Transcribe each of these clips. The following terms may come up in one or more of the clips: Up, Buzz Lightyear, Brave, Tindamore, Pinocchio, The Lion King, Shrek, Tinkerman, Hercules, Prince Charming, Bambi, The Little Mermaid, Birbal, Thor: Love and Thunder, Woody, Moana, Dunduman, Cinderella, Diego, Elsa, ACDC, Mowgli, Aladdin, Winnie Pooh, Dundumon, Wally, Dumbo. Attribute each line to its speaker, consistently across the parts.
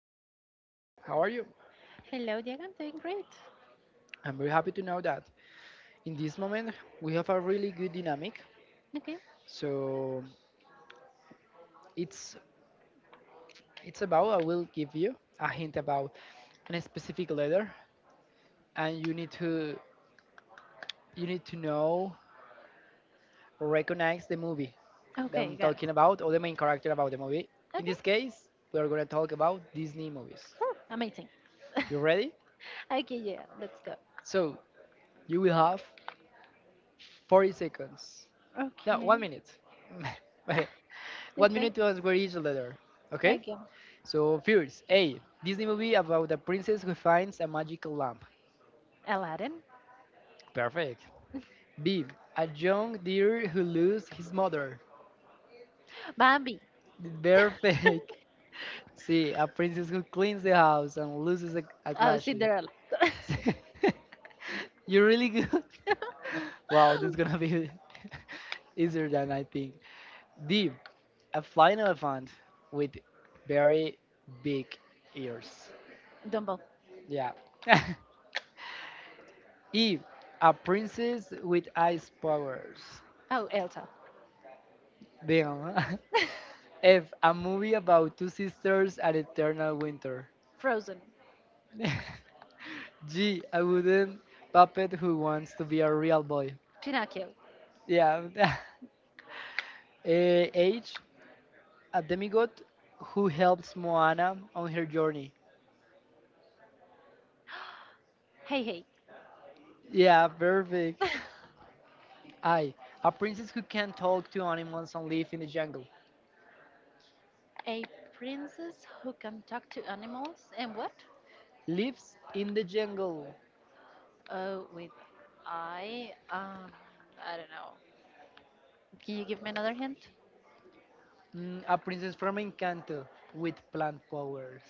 Speaker 1: with Carolina. How are you?
Speaker 2: Hello, Diego. I'm doing great.
Speaker 1: I'm very happy to know that in this moment we have a really good dynamic.
Speaker 2: Okay.
Speaker 1: So it's it's about I will give you a hint about a specific letter, and you need to know or recognize the movie that
Speaker 2: Okay,
Speaker 1: I'm
Speaker 2: got
Speaker 1: talking
Speaker 2: it.
Speaker 1: about or the main character about the movie. In this
Speaker 2: Okay.
Speaker 1: case, we are going to talk about Disney movies.
Speaker 2: Whew, amazing.
Speaker 1: You ready?
Speaker 2: Okay, yeah, let's go.
Speaker 1: So you will have 40 seconds. No, one
Speaker 2: Okay.
Speaker 1: minute.
Speaker 2: Good
Speaker 1: one
Speaker 2: thing.
Speaker 1: minute to answer each letter. Okay?
Speaker 2: Okay.
Speaker 1: So, first, A. Disney movie about a princess who finds a magical lamp.
Speaker 2: Aladdin.
Speaker 1: Perfect. B. A young deer who loses his mother.
Speaker 2: Bambi.
Speaker 1: Perfect. C. A princess who cleans the house and loses a
Speaker 2: Oh,
Speaker 1: glass.
Speaker 2: Cinderella.
Speaker 1: You're really good. Wow, this is gonna be easier than I think. D. A flying elephant with very big ears.
Speaker 2: Dumbo.
Speaker 1: Yeah. E. A princess with ice powers.
Speaker 2: Oh, Elsa.
Speaker 1: Damn. F. A movie about two sisters at eternal winter.
Speaker 2: Frozen.
Speaker 1: G. A wooden puppet who wants to be a real boy.
Speaker 2: Pinocchio.
Speaker 1: Yeah. H. A demigod who helps Moana on her journey.
Speaker 2: Hey, hey.
Speaker 1: Yeah, perfect. I, a princess who can talk to animals and live in the jungle.
Speaker 2: A princess who can talk to animals and what?
Speaker 1: Lives in the jungle.
Speaker 2: Oh, with. I um I don't know. Can you give me another hint?
Speaker 1: A princess from Encanto with plant powers.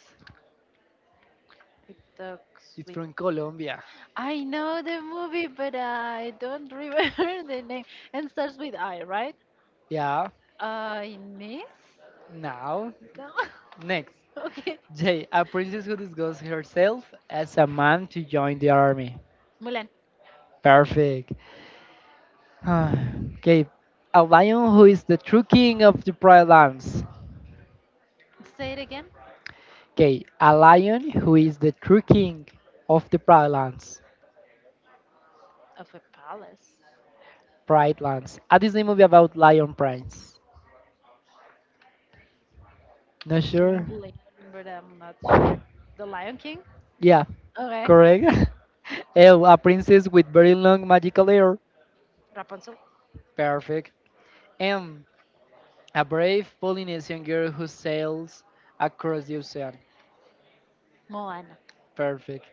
Speaker 2: It talks
Speaker 1: It's
Speaker 2: with.
Speaker 1: from Colombia.
Speaker 2: I know the movie, but I don't remember the name. And starts with I, right?
Speaker 1: Yeah,
Speaker 2: I miss?
Speaker 1: now,
Speaker 2: No.
Speaker 1: next.
Speaker 2: Okay.
Speaker 1: J, a princess who disguises herself as a man to join the army.
Speaker 2: Mulan.
Speaker 1: Perfect. Okay, a lion who is the true king of the Pride Lands.
Speaker 2: Say it again.
Speaker 1: Okay, a lion who is the true king of the Pride Lands.
Speaker 2: Of a palace.
Speaker 1: Pride Lands. A Disney movie about lion prince. Not sure.
Speaker 2: England, but I'm not sure. The Lion King?
Speaker 1: Yeah,
Speaker 2: Okay.
Speaker 1: correct. L, a princess with very long magical hair.
Speaker 2: Rapunzel.
Speaker 1: Perfect. M. A brave Polynesian girl who sails across the ocean.
Speaker 2: Moana.
Speaker 1: Perfect.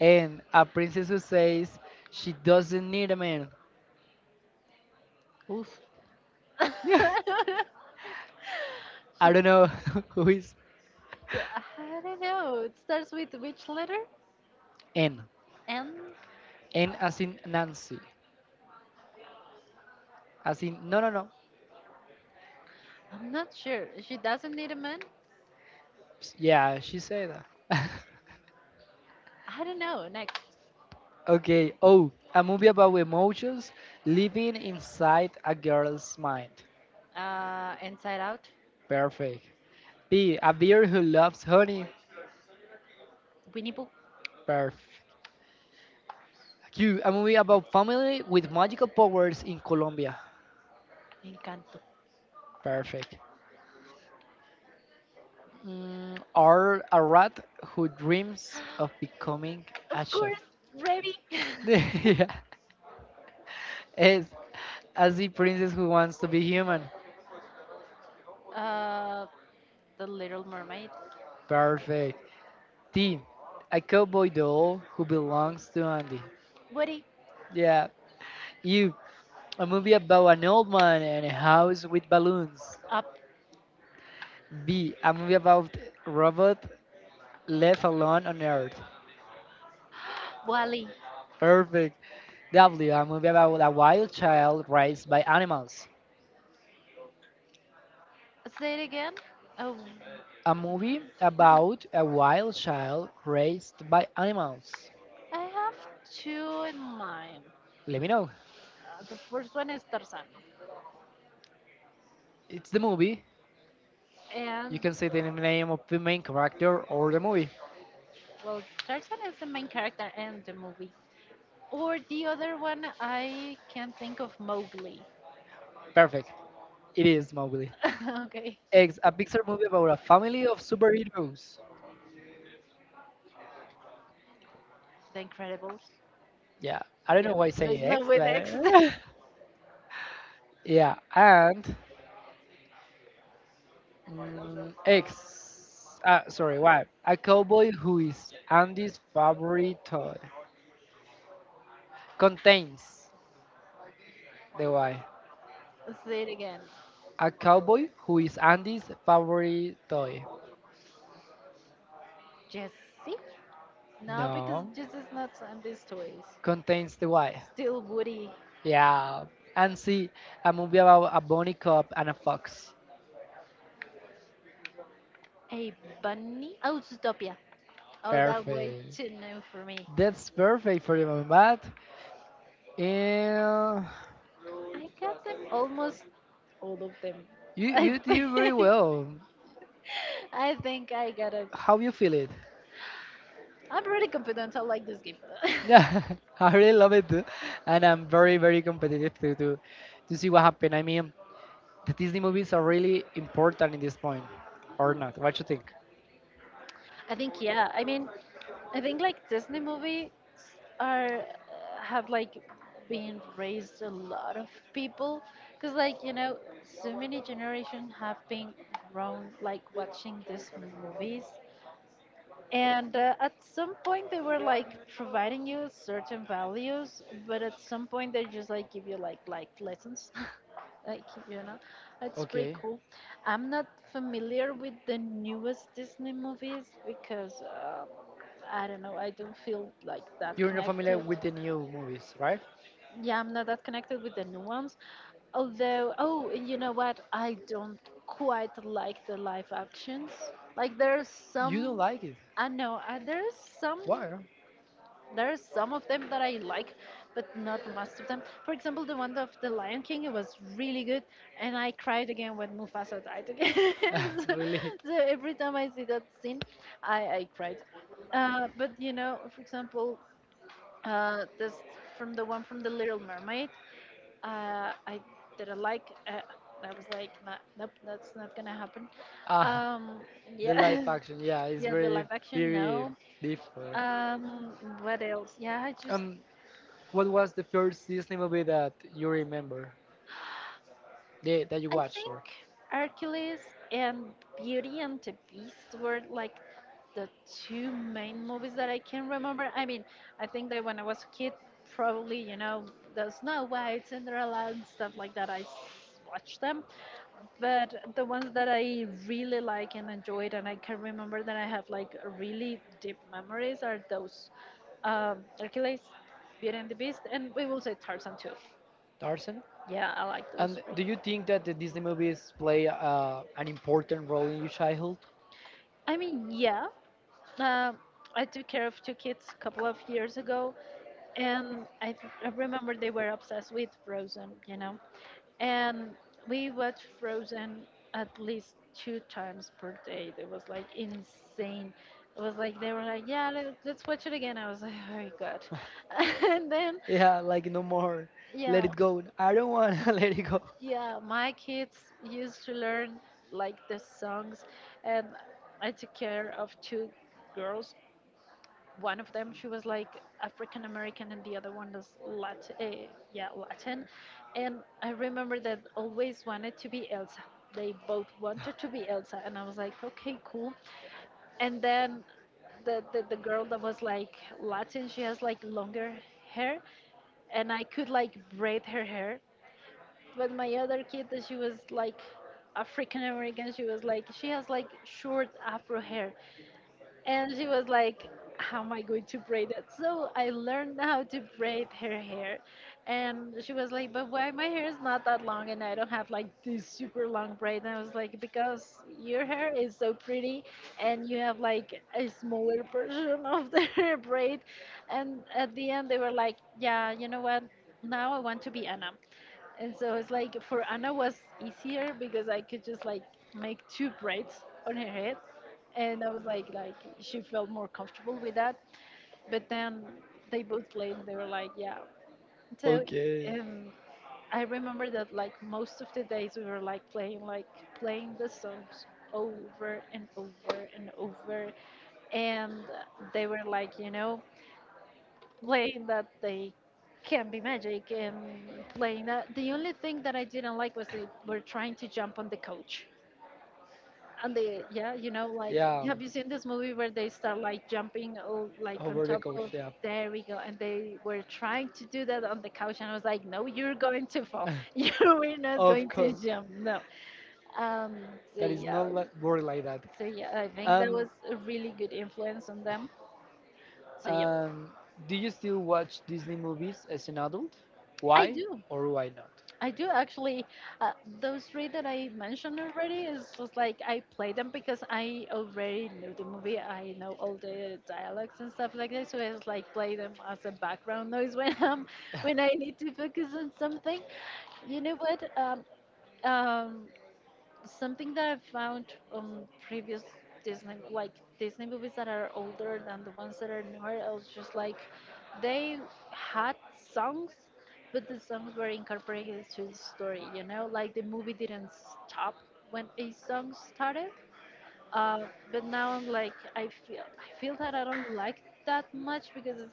Speaker 1: And a princess who says she doesn't need a man.
Speaker 2: Oof.
Speaker 1: Yeah.
Speaker 2: She,
Speaker 1: I don't know who is.
Speaker 2: I don't know. It starts with which letter?
Speaker 1: N.
Speaker 2: N?
Speaker 1: N as in Nancy. As in, no, no, no.
Speaker 2: I'm not sure. She doesn't need a man.
Speaker 1: Yeah, she said that.
Speaker 2: I don't know. Next,
Speaker 1: Okay. Oh, a movie about emotions living inside a girl's mind.
Speaker 2: Inside Out.
Speaker 1: Perfect. B, a bear who loves honey.
Speaker 2: Winnie Pooh.
Speaker 1: Perfect. Q, a movie about family with magical powers in Colombia.
Speaker 2: Encanto.
Speaker 1: Perfect. Or a rat who dreams of becoming
Speaker 2: Of
Speaker 1: a chef.
Speaker 2: course. Remy.
Speaker 1: Yeah. S, a sea princess who wants to be human.
Speaker 2: uh, The Little Mermaid.
Speaker 1: Perfect. T, a cowboy doll who belongs to Andy.
Speaker 2: Woody.
Speaker 1: Yeah. U, a movie about an old man and a house with balloons.
Speaker 2: Up.
Speaker 1: B. A movie about robot left alone on Earth.
Speaker 2: Wally.
Speaker 1: Perfect. W. A movie about a wild child raised by animals.
Speaker 2: Say it again. Oh,
Speaker 1: A movie about a wild child raised by animals.
Speaker 2: I have two in mind.
Speaker 1: Let me know.
Speaker 2: The first one is Tarzan,
Speaker 1: It's the movie. You
Speaker 2: and,
Speaker 1: can say the name of the main character or the movie.
Speaker 2: well, Tarzan is the main character in the movie. Or the other one, I can not think of Mowgli.
Speaker 1: Perfect. It is Mowgli.
Speaker 2: Okay,
Speaker 1: X. A Pixar movie about a family of superheroes.
Speaker 2: The Incredibles.
Speaker 1: Yeah. I don't
Speaker 2: Yeah,
Speaker 1: know why I say
Speaker 2: Fresno
Speaker 1: X,
Speaker 2: with
Speaker 1: but
Speaker 2: X.
Speaker 1: Yeah, and X. Sorry, Y. A cowboy who is Andy's favorite toy contains the Y.
Speaker 2: Say it again.
Speaker 1: A cowboy who is Andy's favorite toy.
Speaker 2: Jesse? No, because
Speaker 1: No,
Speaker 2: Jesse's not on these toys.
Speaker 1: contains the Y.
Speaker 2: Still Woody.
Speaker 1: Yeah, and see, a movie about a bunny cop and a fox.
Speaker 2: A bunny? Oh, Zootopia. Oh, that way
Speaker 1: Perfect.
Speaker 2: too new for me.
Speaker 1: That's perfect for you, Mamat. And
Speaker 2: I got them almost all of them.
Speaker 1: you
Speaker 2: I
Speaker 1: you
Speaker 2: think
Speaker 1: did very well.
Speaker 2: I think I got it.
Speaker 1: How you feel it?
Speaker 2: I'm pretty confident, I like this game.
Speaker 1: Yeah, I really love it too, and I'm very very competitive to see what happens. I mean, the Disney movies are really important in this point, or not? What you think?
Speaker 2: I think, yeah. I mean, I think like Disney movie are have like been raised a lot of people because, like, so many generation have been grown like watching these movies, and at some point they were like providing you certain values, but at some point they just like give you like lessons. Like, it's pretty
Speaker 1: Okay,
Speaker 2: cool. I'm not familiar with the newest Disney movies because I don't know, I don't feel like that
Speaker 1: you're not familiar
Speaker 2: connected.
Speaker 1: with the new movies, right?
Speaker 2: Yeah, I'm not that connected with the new ones. Although, oh, you know what? I don't quite like the live actions. Like, there's
Speaker 1: You don't
Speaker 2: some.
Speaker 1: like it.
Speaker 2: I know, there's some,
Speaker 1: Why?
Speaker 2: some of them that I like, but not most of them. For example, the one of the Lion King, it was really good, and I cried again when Mufasa died again. so,
Speaker 1: Really?
Speaker 2: so every time I see that scene, I cried. But, you know, for example, this from the one from the Little Mermaid. I didn't like. I was like, "Nah, nope, that's not gonna happen."
Speaker 1: Ah,
Speaker 2: Um,
Speaker 1: the live
Speaker 2: yeah.
Speaker 1: action. Yeah, it's
Speaker 2: Yeah, the
Speaker 1: very
Speaker 2: live action,
Speaker 1: very
Speaker 2: no.
Speaker 1: different.
Speaker 2: Um, what else? Yeah, I just.
Speaker 1: Um, what was the first Disney movie that you remember? The, that you
Speaker 2: I
Speaker 1: watched
Speaker 2: think
Speaker 1: or
Speaker 2: Hercules and Beauty and the Beast were like the two main movies that I can remember. I mean, I think that when I was a kid, probably, the Snow White, Cinderella, and stuff like that, I watched them. But the ones that I really like and enjoyed, and I can remember that I have like really deep memories, are those, Hercules, Beauty and the Beast, and we will say Tarzan too.
Speaker 1: Tarzan?
Speaker 2: Yeah, I like those
Speaker 1: And
Speaker 2: three.
Speaker 1: do you think that the Disney movies play an important role in your childhood?
Speaker 2: I mean, yeah, um, I took care of two kids a couple of years ago, and I remember they were obsessed with Frozen, you know. And we watched Frozen at least two times per day. It was like insane. It was like they were like, yeah, let's watch it again. I was like, oh my god. And then,
Speaker 1: Yeah, like no more. Let
Speaker 2: yeah,
Speaker 1: it go. I don't want to let it go.
Speaker 2: yeah, my kids used to learn like the songs, and I took care of two girls. One of them, she was like African American, and the other one was Latin, yeah, Latin. And I remember that always wanted to be Elsa. They both wanted to be Elsa, and I was like, okay, cool. And then the girl that was like Latin, she has like longer hair, and I could like braid her hair. But my other kid, that she was like African American, she was like, she has like short Afro hair, and she was like, how am I going to braid it? So I learned how to braid her hair. And she was like, but why my hair is not that long and I don't have like this super long braid? And I was like, because your hair is so pretty, and you have like a smaller version of the braid. And at the end they were like, yeah, you know what, now I want to be Anna. And so it's like, for Anna was easier because I could just like make two braids on her head, and I was like, she felt more comfortable with that. But then they both played. They were like, yeah. So,
Speaker 1: Okay.
Speaker 2: um, I remember that, like, most of the days we were like playing, like playing the songs over and over and over, and they were like, you know, playing that they can be magic and playing that. The only thing that I didn't like was they were trying to jump on the coach. And they, yeah, like,
Speaker 1: Yeah,
Speaker 2: have you seen this movie where they start like jumping, oh, like on
Speaker 1: over the
Speaker 2: top
Speaker 1: coach,
Speaker 2: of,
Speaker 1: yeah.
Speaker 2: there we go. And they were trying to do that on the couch. And I was like, no, you're going to fall. You are not
Speaker 1: Of
Speaker 2: going
Speaker 1: course.
Speaker 2: to jump. No. Um, so,
Speaker 1: That is not
Speaker 2: yeah,
Speaker 1: like, word like that.
Speaker 2: so, yeah, I think that
Speaker 1: Um,
Speaker 2: was a really good influence on them. So, yeah,
Speaker 1: um, do you still watch Disney movies as an adult?
Speaker 2: I
Speaker 1: Why
Speaker 2: do.
Speaker 1: or why not?
Speaker 2: I do actually. Uh, those three that I mentioned already is just like, I play them because I already knew the movie. I know all the dialogues and stuff like that, so I just like play them as a background noise when I'm when I need to focus on something. You know what? Um, Something that I found on previous Disney, like Disney movies that are older than the ones that are newer, I was just like, they had songs, but the songs were incorporated to the story. You know, like the movie didn't stop when a song started. Uh, but now I'm like, I feel that I don't like that much, because it's,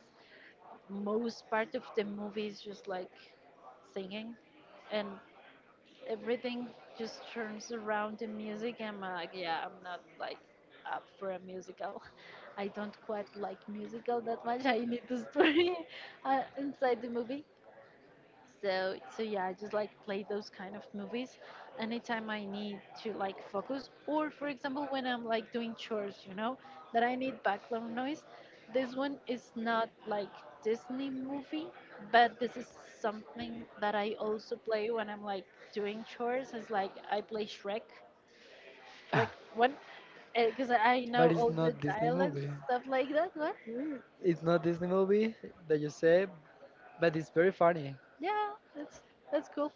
Speaker 2: most part of the movie is just like singing, and everything just turns around the music. I'm like, yeah, I'm not like up for a musical. I don't quite like musical that much. I need the story inside the movie. So, yeah, I just like play those kind of movies anytime I need to like focus, or for example when I'm like doing chores, you know, that I need background noise. This one is not like Disney movie, but this is something that I also play when I'm like doing chores. It's like, I play Shrek, Shrek one, because I
Speaker 1: But
Speaker 2: know
Speaker 1: it's
Speaker 2: all
Speaker 1: not
Speaker 2: the
Speaker 1: Disney
Speaker 2: dialogues,
Speaker 1: movie.
Speaker 2: stuff like that. Right?
Speaker 1: It's not Disney movie that you say, but it's very funny.
Speaker 2: Yeah, that's that's cool.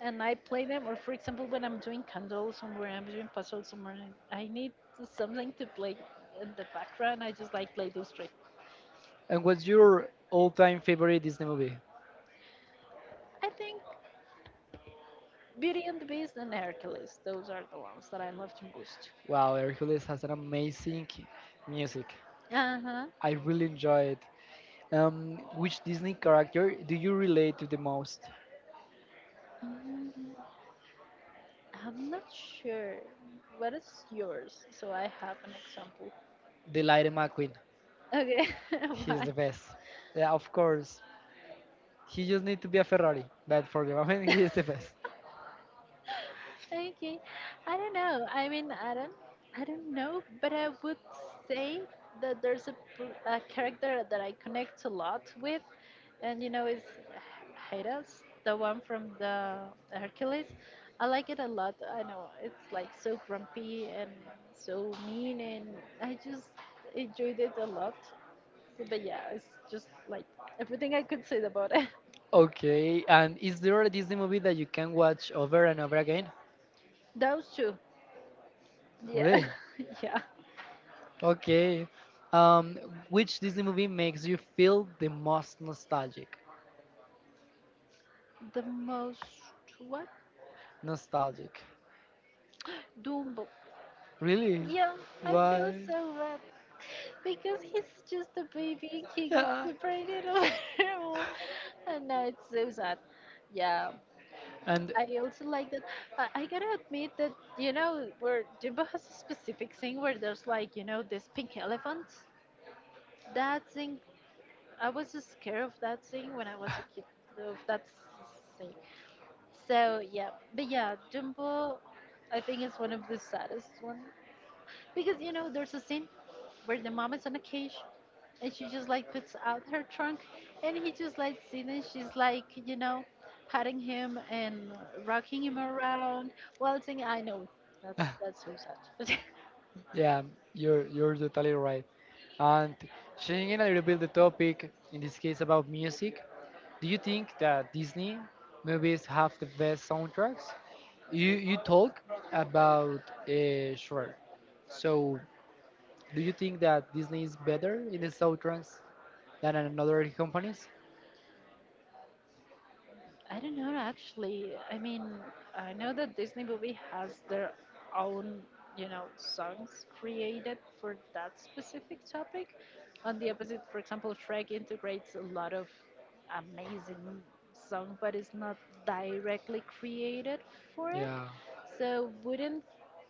Speaker 2: And I play them, or for example when I'm doing candles somewhere, I'm doing puzzles somewhere, and I need something to play in the background, I just like play those three.
Speaker 1: And what's your all-time favorite Disney movie?
Speaker 2: I think Beauty and the Beast and Hercules, those are the ones that I love the most.
Speaker 1: Wow, Hercules has an amazing music.
Speaker 2: Uh-huh.
Speaker 1: I really enjoy it. Which Disney character do you relate to the most?
Speaker 2: mm, I'm not sure, what is yours so I have an example?
Speaker 1: The Lightning McQueen.
Speaker 2: Okay.
Speaker 1: He's the
Speaker 2: Why?
Speaker 1: best. Yeah, of course. He just need to be a Ferrari, but for the moment, he is the best.
Speaker 2: Okay. I don't know. I mean, I don't know, but I would say that there's a a character that I connect a lot with, and, you know, is Hades, the one from the Hercules. I like it a lot. I know it's like so grumpy and so mean, and I just enjoyed it a lot. But yeah, it's just like everything I could say about it.
Speaker 1: Okay, and is there a Disney movie that you can watch over and over again?
Speaker 2: Those two. Yeah.
Speaker 1: Really?
Speaker 2: Yeah.
Speaker 1: Okay. Um, which Disney movie makes you feel the most nostalgic?
Speaker 2: The most what?
Speaker 1: Nostalgic.
Speaker 2: Dumbo.
Speaker 1: Really?
Speaker 2: Yeah, I feel
Speaker 1: Why?
Speaker 2: so bad because he's just a baby and he gets
Speaker 1: Yeah.
Speaker 2: separated over all, and now it's so sad. Yeah,
Speaker 1: And
Speaker 2: I also like that. I gotta admit that, you know, where Dumbo has a specific thing where there's like, this pink elephant. That thing, I was scared of that thing when I was a kid. Of that thing. So yeah, but yeah, Dumbo, I think is one of the saddest one because, you know, there's a scene where the mom is on a cage and she just like puts out her trunk, and he just like sitting, and she's like, you know, patting him and rocking him around, waltzing. I know that's suicide.
Speaker 1: yeah, you're totally right. And changing a little bit the topic, in this case about music, do you think that Disney movies have the best soundtracks? You talk about Shrek, so do you think that Disney is better in the soundtracks than another companies?
Speaker 2: I don't know actually. I mean, I know that Disney movie has their own, you know, songs created for that specific topic. On the opposite, for example, Shrek integrates a lot of amazing song, but it's not directly created for it.
Speaker 1: Yeah.
Speaker 2: So wouldn't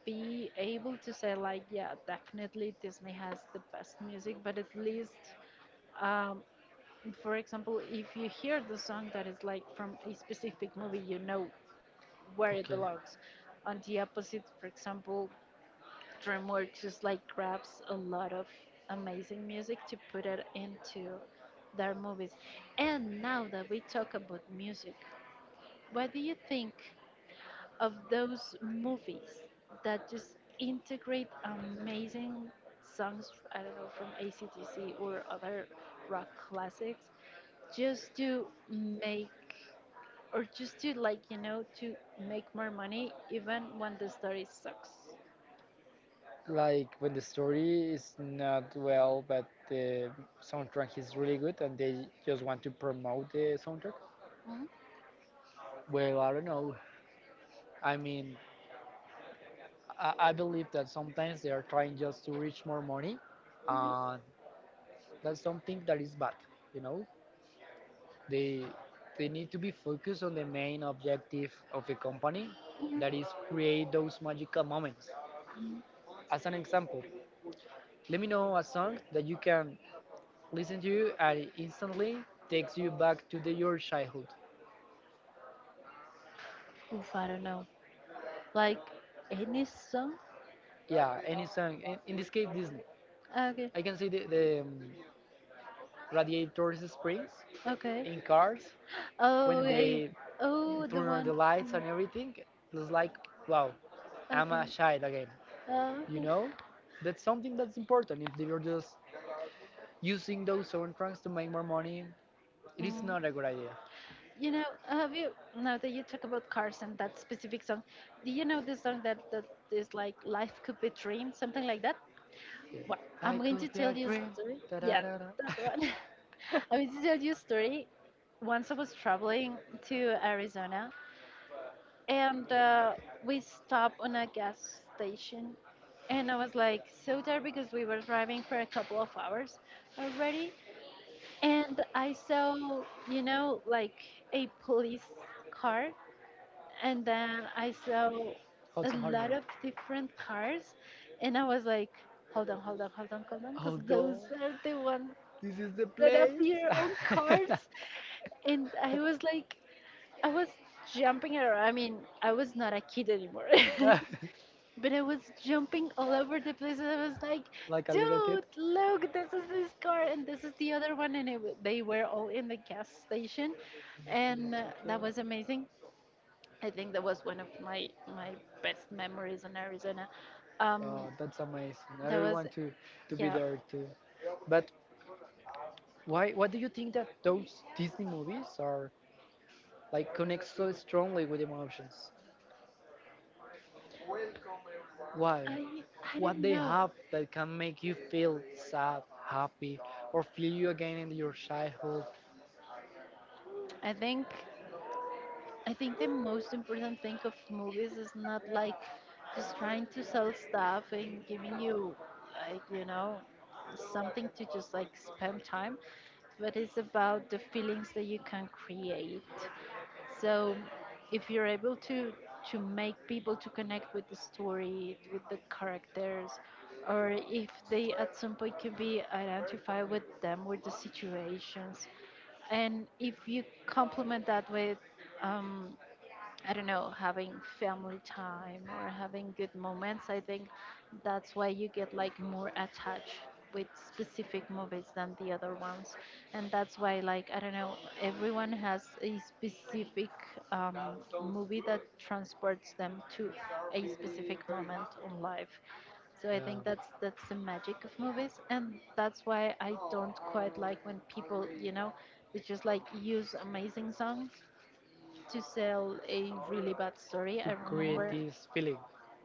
Speaker 2: be able to say like, yeah, definitely Disney has the best music, but at least. Um, for example, if you hear the song that is like from a specific movie, you know where it
Speaker 1: Okay.
Speaker 2: belongs. On the opposite, for example, DreamWorks just like grabs a lot of amazing music to put it into their movies. And now that we talk about music, what do you think of those movies that just integrate amazing songs, I don't know, from ACDC or other rock classics, just to make or just to like to make more money even when the story sucks.
Speaker 1: Like when the story is not well, but the soundtrack is really good, and they just want to promote the soundtrack.
Speaker 2: Mhm.
Speaker 1: Well, I don't know. I mean, I believe that sometimes they are trying just to reach more money, and that's something that is bad. You know, they they need to be focused on the main objective of the company, that is create those magical moments.
Speaker 2: Mhm.
Speaker 1: As an example, let me know a song that you can listen to you and it instantly takes you back to the, your childhood.
Speaker 2: Oof, I don't know. Like any song.
Speaker 1: Yeah, any song. In this case, Disney.
Speaker 2: Ah, okay.
Speaker 1: I can see the Radiator Springs
Speaker 2: Okay.
Speaker 1: in Cars when
Speaker 2: Oh,
Speaker 1: they
Speaker 2: eh, oh,
Speaker 1: turn
Speaker 2: the
Speaker 1: on the
Speaker 2: one.
Speaker 1: lights and
Speaker 2: Okay.
Speaker 1: everything. It's like, wow,
Speaker 2: Oh,
Speaker 1: I'm a child again. You
Speaker 2: okay.
Speaker 1: know, that's something that's important. If they're just using those soundtracks to make more money, it is
Speaker 2: Mm.
Speaker 1: not a good idea.
Speaker 2: You know, have you now that you talk about cars and that specific song? Do you know the song that is like "Life Could Be Dream," something like that? Well,
Speaker 1: I
Speaker 2: I'm going
Speaker 1: could
Speaker 2: to
Speaker 1: be a
Speaker 2: tell you a
Speaker 1: dream.
Speaker 2: story.
Speaker 1: Da da
Speaker 2: Yeah,
Speaker 1: da da.
Speaker 2: that one. I was to tell you a story. Once I was traveling to Arizona and we stopped on a gas station. And I was like so tired because we were driving for a couple of hours already. And I saw, you know, like a police car. And then I saw
Speaker 1: Hudson
Speaker 2: a
Speaker 1: Horner.
Speaker 2: lot of different cars. And I was like, hold on, hold on, hold on, hold on, because
Speaker 1: Although
Speaker 2: those are the ones
Speaker 1: This is the
Speaker 2: that
Speaker 1: place.
Speaker 2: appear on cars, and I was like, I was jumping around. I mean, I was not a kid anymore, but I was jumping all over the place. And I was like,
Speaker 1: Like a little kid.
Speaker 2: dude, look, this is this car, and this is the other one. And it, w- they were all in the gas station,
Speaker 1: Not
Speaker 2: and
Speaker 1: so
Speaker 2: uh,
Speaker 1: true.
Speaker 2: that was amazing. I think that was one of my best memories in Arizona.
Speaker 1: Oh,
Speaker 2: Um,
Speaker 1: that's amazing. I really
Speaker 2: that was,
Speaker 1: want to be
Speaker 2: yeah.
Speaker 1: there too. But why? What do you think that those Disney movies are like connect so strongly with emotions? Why?
Speaker 2: I I
Speaker 1: What they
Speaker 2: don't know.
Speaker 1: have that can make you feel sad, happy, or feel you again in your childhood
Speaker 2: I think the most important thing of movies is not like just trying to sell stuff and giving you like you know something to just like spend time, but it's about the feelings that you can create. So if you're able to make people to connect with the story, with the characters, or if they at some point can be identified with them, with the situations, and if you complement that with um, I don't know, having family time or having good moments. I think that's why you get like more attached with specific movies than the other ones. And that's why, like, I don't know, everyone has a specific um, movie that transports them to a specific moment in life. So I
Speaker 1: um,
Speaker 2: think that's the magic of movies, and that's why I don't quite like when people, you know, they just like use amazing songs to sell a really bad
Speaker 1: to
Speaker 2: story. I
Speaker 1: create
Speaker 2: remember,
Speaker 1: this feeling?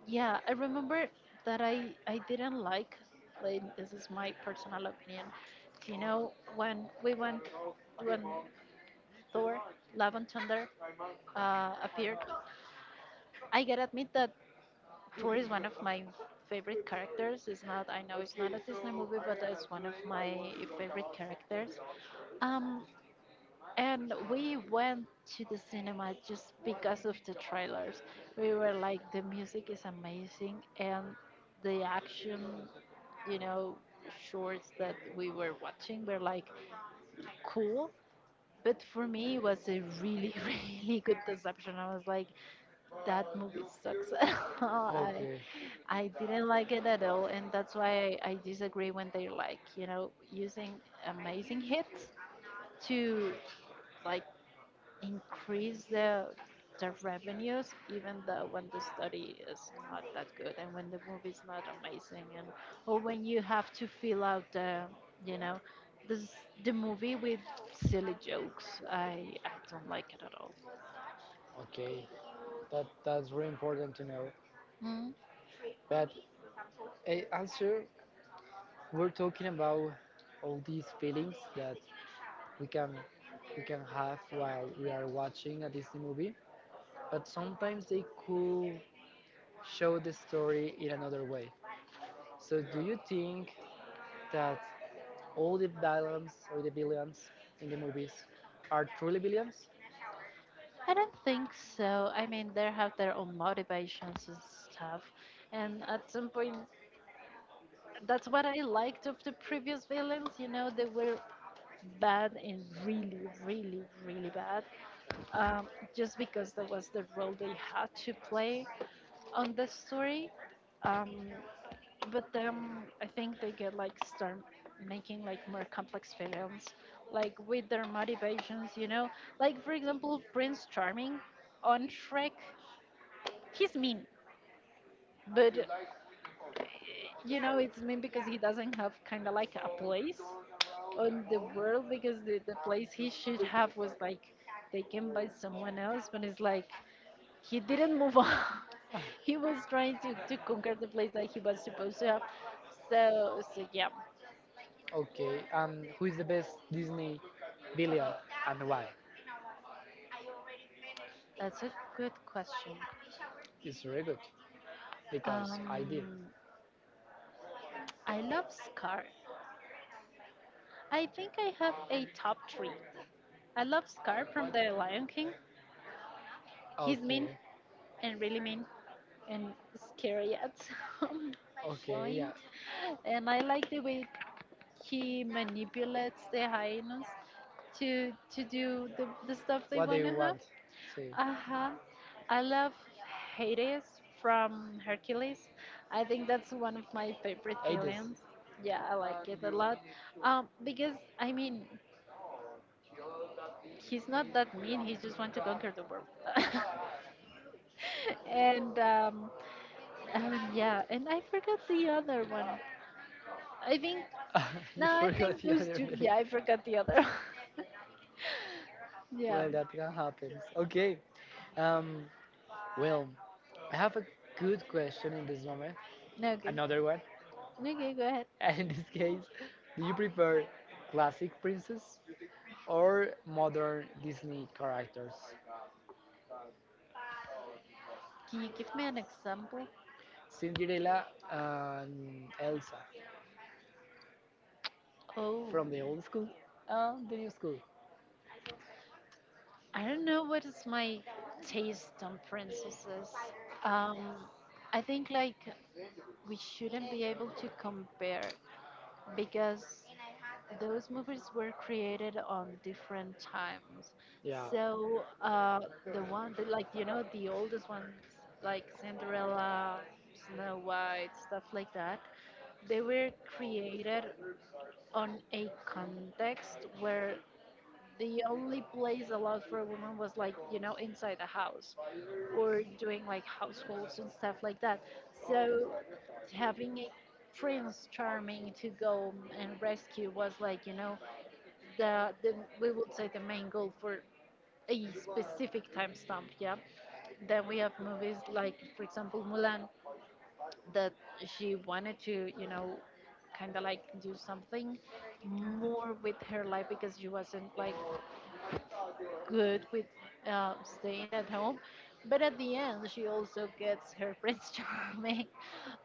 Speaker 2: yeah, I remember that I didn't like. And this is my personal opinion. You know, when we went when Thor: Love and Thunder appeared, I gotta admit that Thor is one of my favorite characters. It's not, I know it's not a Disney movie, but it's one of my favorite characters. Um, And we went to the cinema just because of the trailers. We were like, the music is amazing, and the action, you know, shorts that we were watching were like cool. But for me, it was a really, really good deception. I was like, that movie sucks.
Speaker 1: Okay,
Speaker 2: I, I didn't like it at all, and that's why I disagree when they're like, you know, using amazing hits to like increase the revenues even though when the study is not that good and when the movie is not amazing and or when you have to fill out the you know this the movie with silly jokes. I don't like it at all.
Speaker 1: okay, that that's really important to know.
Speaker 2: Mm,
Speaker 1: But A- Also, we're talking about all these feelings that we can we can have while we are watching a Disney movie, but sometimes they could show the story in another way. So, do you think that all the villains or the villains in the movies are truly villains?
Speaker 2: I don't think so. I mean, they have their own motivations and stuff, and at some point that's what I liked of the previous villains, you know. They were bad and really, really, really bad. um, just because that was the role they had to play on the story. Um, but then I think they get like start making like more complex films, like with their motivations, you know. Like for example, Prince Charming on Shrek, he's mean, but you know it's mean because he doesn't have kind of like a place on the world because the place he should have was like taken by someone else. But it's like he didn't move on. He was trying to conquer the place that he was supposed to have. So, so yeah,
Speaker 1: Okay, who is the best Disney villain and why?
Speaker 2: that's a good question.
Speaker 1: It's really good because I did.
Speaker 2: Um, I love Scar. I think I have a top three. I love Scar from The Lion King. He's
Speaker 1: Okay,
Speaker 2: mean and really mean and scary at some
Speaker 1: okay, yeah.
Speaker 2: point. And I like the way he manipulates the hyenas to do the stuff
Speaker 1: What do
Speaker 2: they
Speaker 1: you
Speaker 2: want to
Speaker 1: want?
Speaker 2: have.
Speaker 1: See,
Speaker 2: Uh-huh. I love Hades from Hercules. I think that's one of my favorite
Speaker 1: Hades.
Speaker 2: villains. Yeah, I like it a lot. Because I mean, he's not that mean. He just wants to conquer the world. And yeah, and I forgot the other one. I think
Speaker 1: You
Speaker 2: no, I
Speaker 1: forgot the
Speaker 2: think
Speaker 1: other
Speaker 2: those two.
Speaker 1: villain.
Speaker 2: Yeah, I forgot the other.
Speaker 1: Well,
Speaker 2: Yeah.
Speaker 1: that can happen. Okay. Um. Well, I have a good question in this moment,
Speaker 2: No, okay. No,
Speaker 1: another one.
Speaker 2: okay, go ahead.
Speaker 1: And in this case, do you prefer classic princess or modern Disney characters?
Speaker 2: Can you give me an example?
Speaker 1: Cinderella and Elsa
Speaker 2: Oh.
Speaker 1: from the old school and the new school.
Speaker 2: I don't know what is my taste on princesses. Um, I think like we shouldn't be able to compare because those movies were created on different times.
Speaker 1: Yeah,
Speaker 2: So the one that like the oldest ones like Cinderella, Snow White, stuff like that, they were created on a context where the only place allowed for a woman was like you know inside the house or doing like households and stuff like that, so having a Prince Charming to go and rescue was like you know the, we would say, the main goal for a specific time stamp. Yeah, then we have movies like for example Mulan, that she wanted to you know kind of like do something more with her life because she wasn't like good with uh, staying at home. But at the end, she also gets her Prince Charming.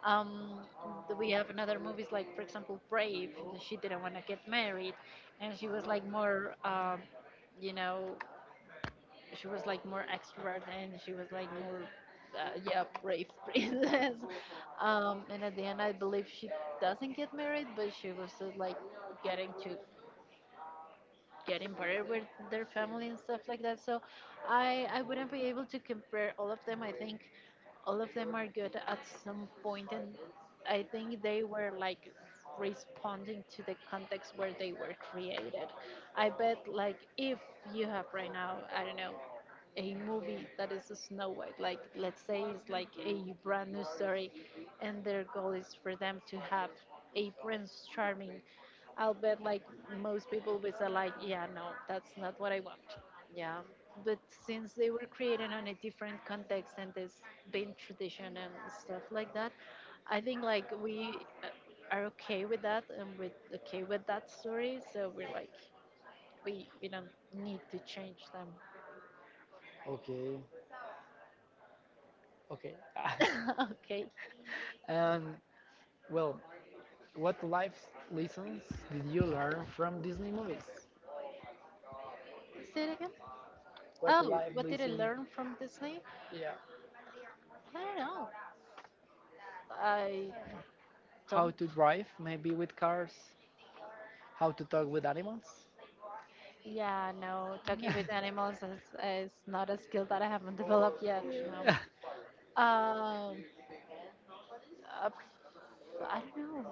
Speaker 2: Um, we have another movies like, for example, Brave. She didn't want to get married, and she was like more, you know, she was like more extrovert, and she was like more, yeah, brave princess. And at the end, I believe she doesn't get married, but she was like getting to getting better with their family and stuff like that. So I wouldn't be able to compare all of them. I think all of them are good at some point, and I think they were like responding to the context where they were created. I bet like if you have right now, I don't know, a movie that is a Snow White, like let's say it's like a brand new story, and their goal is for them to have a Prince Charming, I'll bet like most people would say like, yeah, no, that's not what I want. Yeah. But since they were created on a different context and there's been tradition and stuff like that, I think like we uh, are okay with that and we're okay with that story. So we're like, we don't need to change them.
Speaker 1: okay, okay.
Speaker 2: Okay.
Speaker 1: And well, what life lessons did you learn from Disney movies?
Speaker 2: Say it again.
Speaker 1: What life
Speaker 2: Oh, what did I
Speaker 1: lesson?
Speaker 2: learn from Disney?
Speaker 1: Yeah.
Speaker 2: I don't know. I
Speaker 1: How to
Speaker 2: don't.
Speaker 1: drive maybe with cars, how to talk with animals.
Speaker 2: Yeah, no, talking with animals is not a skill that I haven't developed yet. No. Um, uh, I don't know.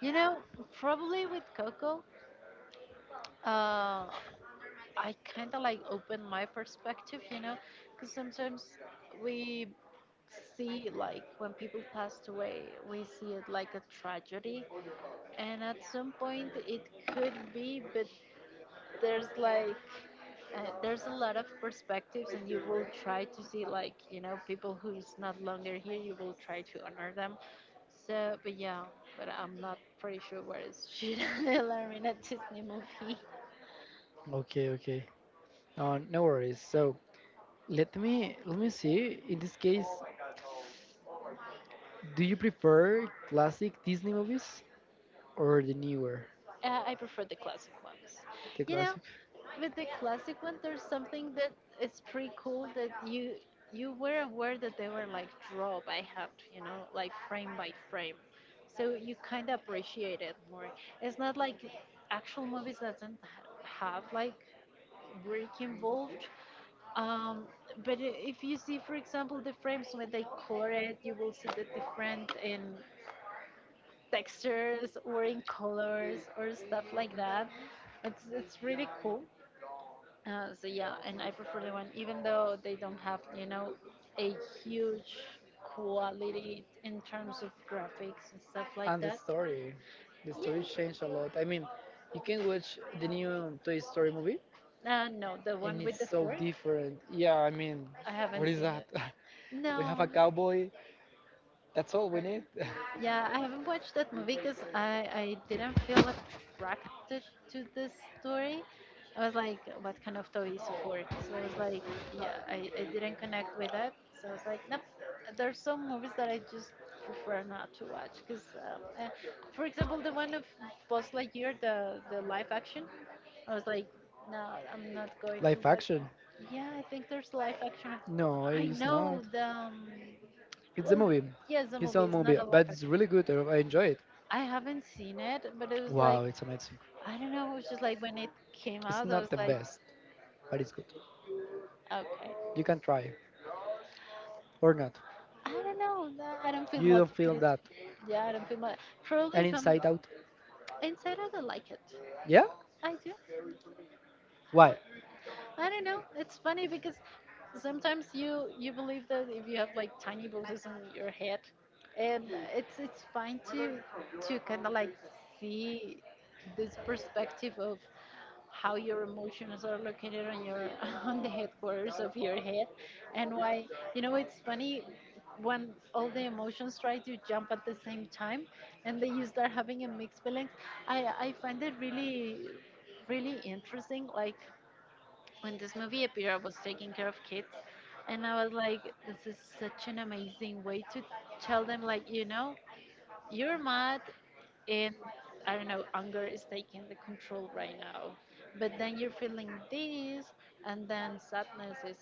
Speaker 2: You know, probably with Coco, uh, I kind of like open my perspective, you know, because sometimes we see like when people passed away, we see it like a tragedy, and at some point it could be, but there's like there's a lot of perspectives and you will try to see like you know people who's not longer here, you will try to honor them. So but yeah, but I'm not pretty sure where is should I in a Disney movie.
Speaker 1: Okay, okay. No, no worries. So let me see. In this case, do you prefer classic Disney movies or the newer,
Speaker 2: I prefer the classic ones.
Speaker 1: the
Speaker 2: You
Speaker 1: classic?
Speaker 2: know, with the classic one, there's something that is pretty cool, that you were aware that they were like draw by hand, you know, like frame by frame. So you kind of appreciate it more. It's not like actual movies that doesn't have like work involved. Um, but if you see, for example, the frames when they color it, you will see the different in textures or in colors or stuff like that. It's really cool. So yeah, and I prefer the one, even though they don't have, you know, a huge quality in terms of graphics and stuff
Speaker 1: And
Speaker 2: like that.
Speaker 1: the story
Speaker 2: Yeah.
Speaker 1: changed a lot. I mean, you can watch the new Toy Story movie,
Speaker 2: No, the
Speaker 1: and
Speaker 2: one
Speaker 1: it's
Speaker 2: with the
Speaker 1: so
Speaker 2: fork.
Speaker 1: different. Yeah, I mean,
Speaker 2: I
Speaker 1: what is
Speaker 2: haven't
Speaker 1: that?
Speaker 2: seen it.
Speaker 1: We have a
Speaker 2: No.
Speaker 1: cowboy. That's all we need.
Speaker 2: Yeah, I haven't watched that movie because I didn't feel attracted to this story. I was like, what kind of toy is fork? So I was like, yeah, I didn't connect with it. So I was like, nope. There's some movies that I just prefer not to watch because, for example, the one of Buzz Lightyear, the live action. I was like, no, I'm not
Speaker 1: Live
Speaker 2: going to watch
Speaker 1: action?
Speaker 2: it. Yeah, I think there's live action.
Speaker 1: No, it is
Speaker 2: I
Speaker 1: not.
Speaker 2: know the
Speaker 1: It's a movie.
Speaker 2: well, yes,
Speaker 1: It's
Speaker 2: the
Speaker 1: a
Speaker 2: movie
Speaker 1: movie,
Speaker 2: is not a
Speaker 1: but it's
Speaker 2: live
Speaker 1: really
Speaker 2: action.
Speaker 1: good. I enjoy it.
Speaker 2: I haven't seen it, but it was
Speaker 1: Wow, it's
Speaker 2: like
Speaker 1: amazing.
Speaker 2: I don't know. It was just like when it
Speaker 1: It's
Speaker 2: came
Speaker 1: not
Speaker 2: out,
Speaker 1: the
Speaker 2: I was like,
Speaker 1: best, but it's good.
Speaker 2: okay,
Speaker 1: You can try or not.
Speaker 2: I don't know. Nah, I don't
Speaker 1: You
Speaker 2: feel
Speaker 1: don't feel that.
Speaker 2: motivated. Yeah, I don't feel much.
Speaker 1: And
Speaker 2: Probably if
Speaker 1: Inside
Speaker 2: I'm
Speaker 1: Out?
Speaker 2: inside, I don't like it.
Speaker 1: Yeah?
Speaker 2: I do.
Speaker 1: Why?
Speaker 2: I don't know. It's funny because sometimes you believe that if you have like tiny voices on your head, and it's fine to kind of like see this perspective of how your emotions are located on your on the headquarters of your head. And why, you know, it's funny when all the emotions try to jump at the same time, and then you start having a mixed feelings. I find it really, really interesting. Like when this movie appeared, I was taking care of kids, and I was like, this is such an amazing way to tell them like you know, you're mad, and I don't know, anger is taking the control right now. But then you're feeling this, and then sadness is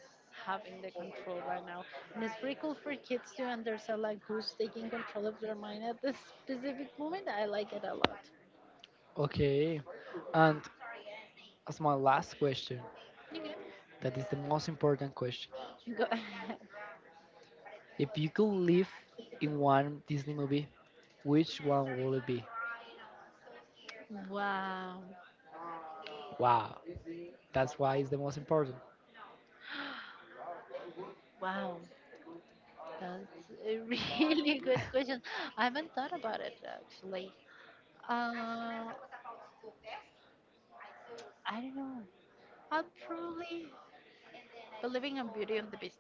Speaker 2: having the control right now. And it's pretty cool for kids to understand like who's taking control of their mind at this specific moment. I like it a lot.
Speaker 1: Okay. And as my last question,
Speaker 2: Okay,
Speaker 1: that is the most important question.
Speaker 2: go ahead.
Speaker 1: If you could live in one Disney movie, which one will it be?
Speaker 2: Wow,
Speaker 1: Wow, that's why it's the most important.
Speaker 2: wow, that's a really good question. I haven't thought about it actually. I don't know. I'll probably believing on Beauty and the Beast.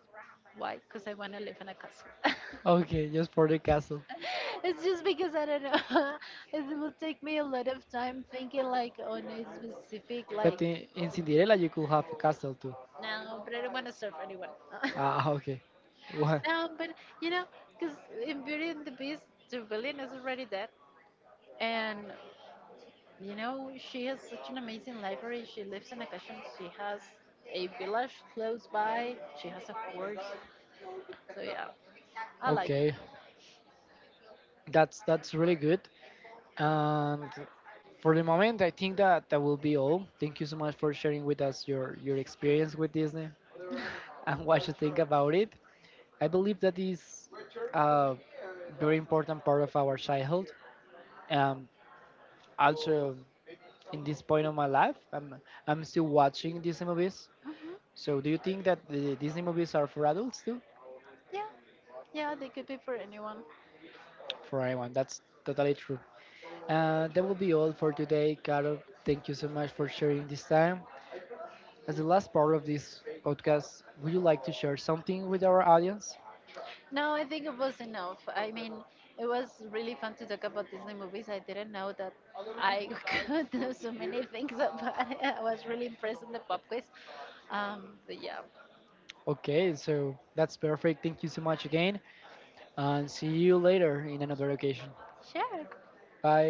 Speaker 2: Why? Because I want to live in a castle.
Speaker 1: Okay, just for the castle.
Speaker 2: It's just because I don't know. It will take me a lot of time thinking like on a specific
Speaker 1: But
Speaker 2: like
Speaker 1: in Cinderella, you could have a castle too.
Speaker 2: no, but I don't want to serve anyone.
Speaker 1: Ah, okay. What?
Speaker 2: No, but you know, because in Beauty and the Beast, the villain is already dead, and you know she has such an amazing library. She lives in a castle. She has a village close by. She has a horse. So yeah, I
Speaker 1: Okay,
Speaker 2: like.
Speaker 1: that's really good. And for the moment, I think that that will be all. Thank you so much for sharing with us your experience with Disney and what you think about it. I believe that is a very important part of our childhood. Um, also, in this point of my life, I'm still watching Disney movies.
Speaker 2: It.
Speaker 1: So, do you think that the Disney movies are for adults too?
Speaker 2: Yeah, yeah, they could be for anyone.
Speaker 1: For anyone, that's totally true. That will be all for today, Caro. Thank you so much for sharing this time. As the last part of this podcast, would you like to share something with our audience?
Speaker 2: No, I think it was enough. I mean, it was really fun to talk about Disney movies. I didn't know that I could do so many things about it. I was really impressed in the pop quiz. But yeah,
Speaker 1: Okay, so that's perfect. Thank you so much again, and see you later in another occasion.
Speaker 2: sure.
Speaker 1: Bye.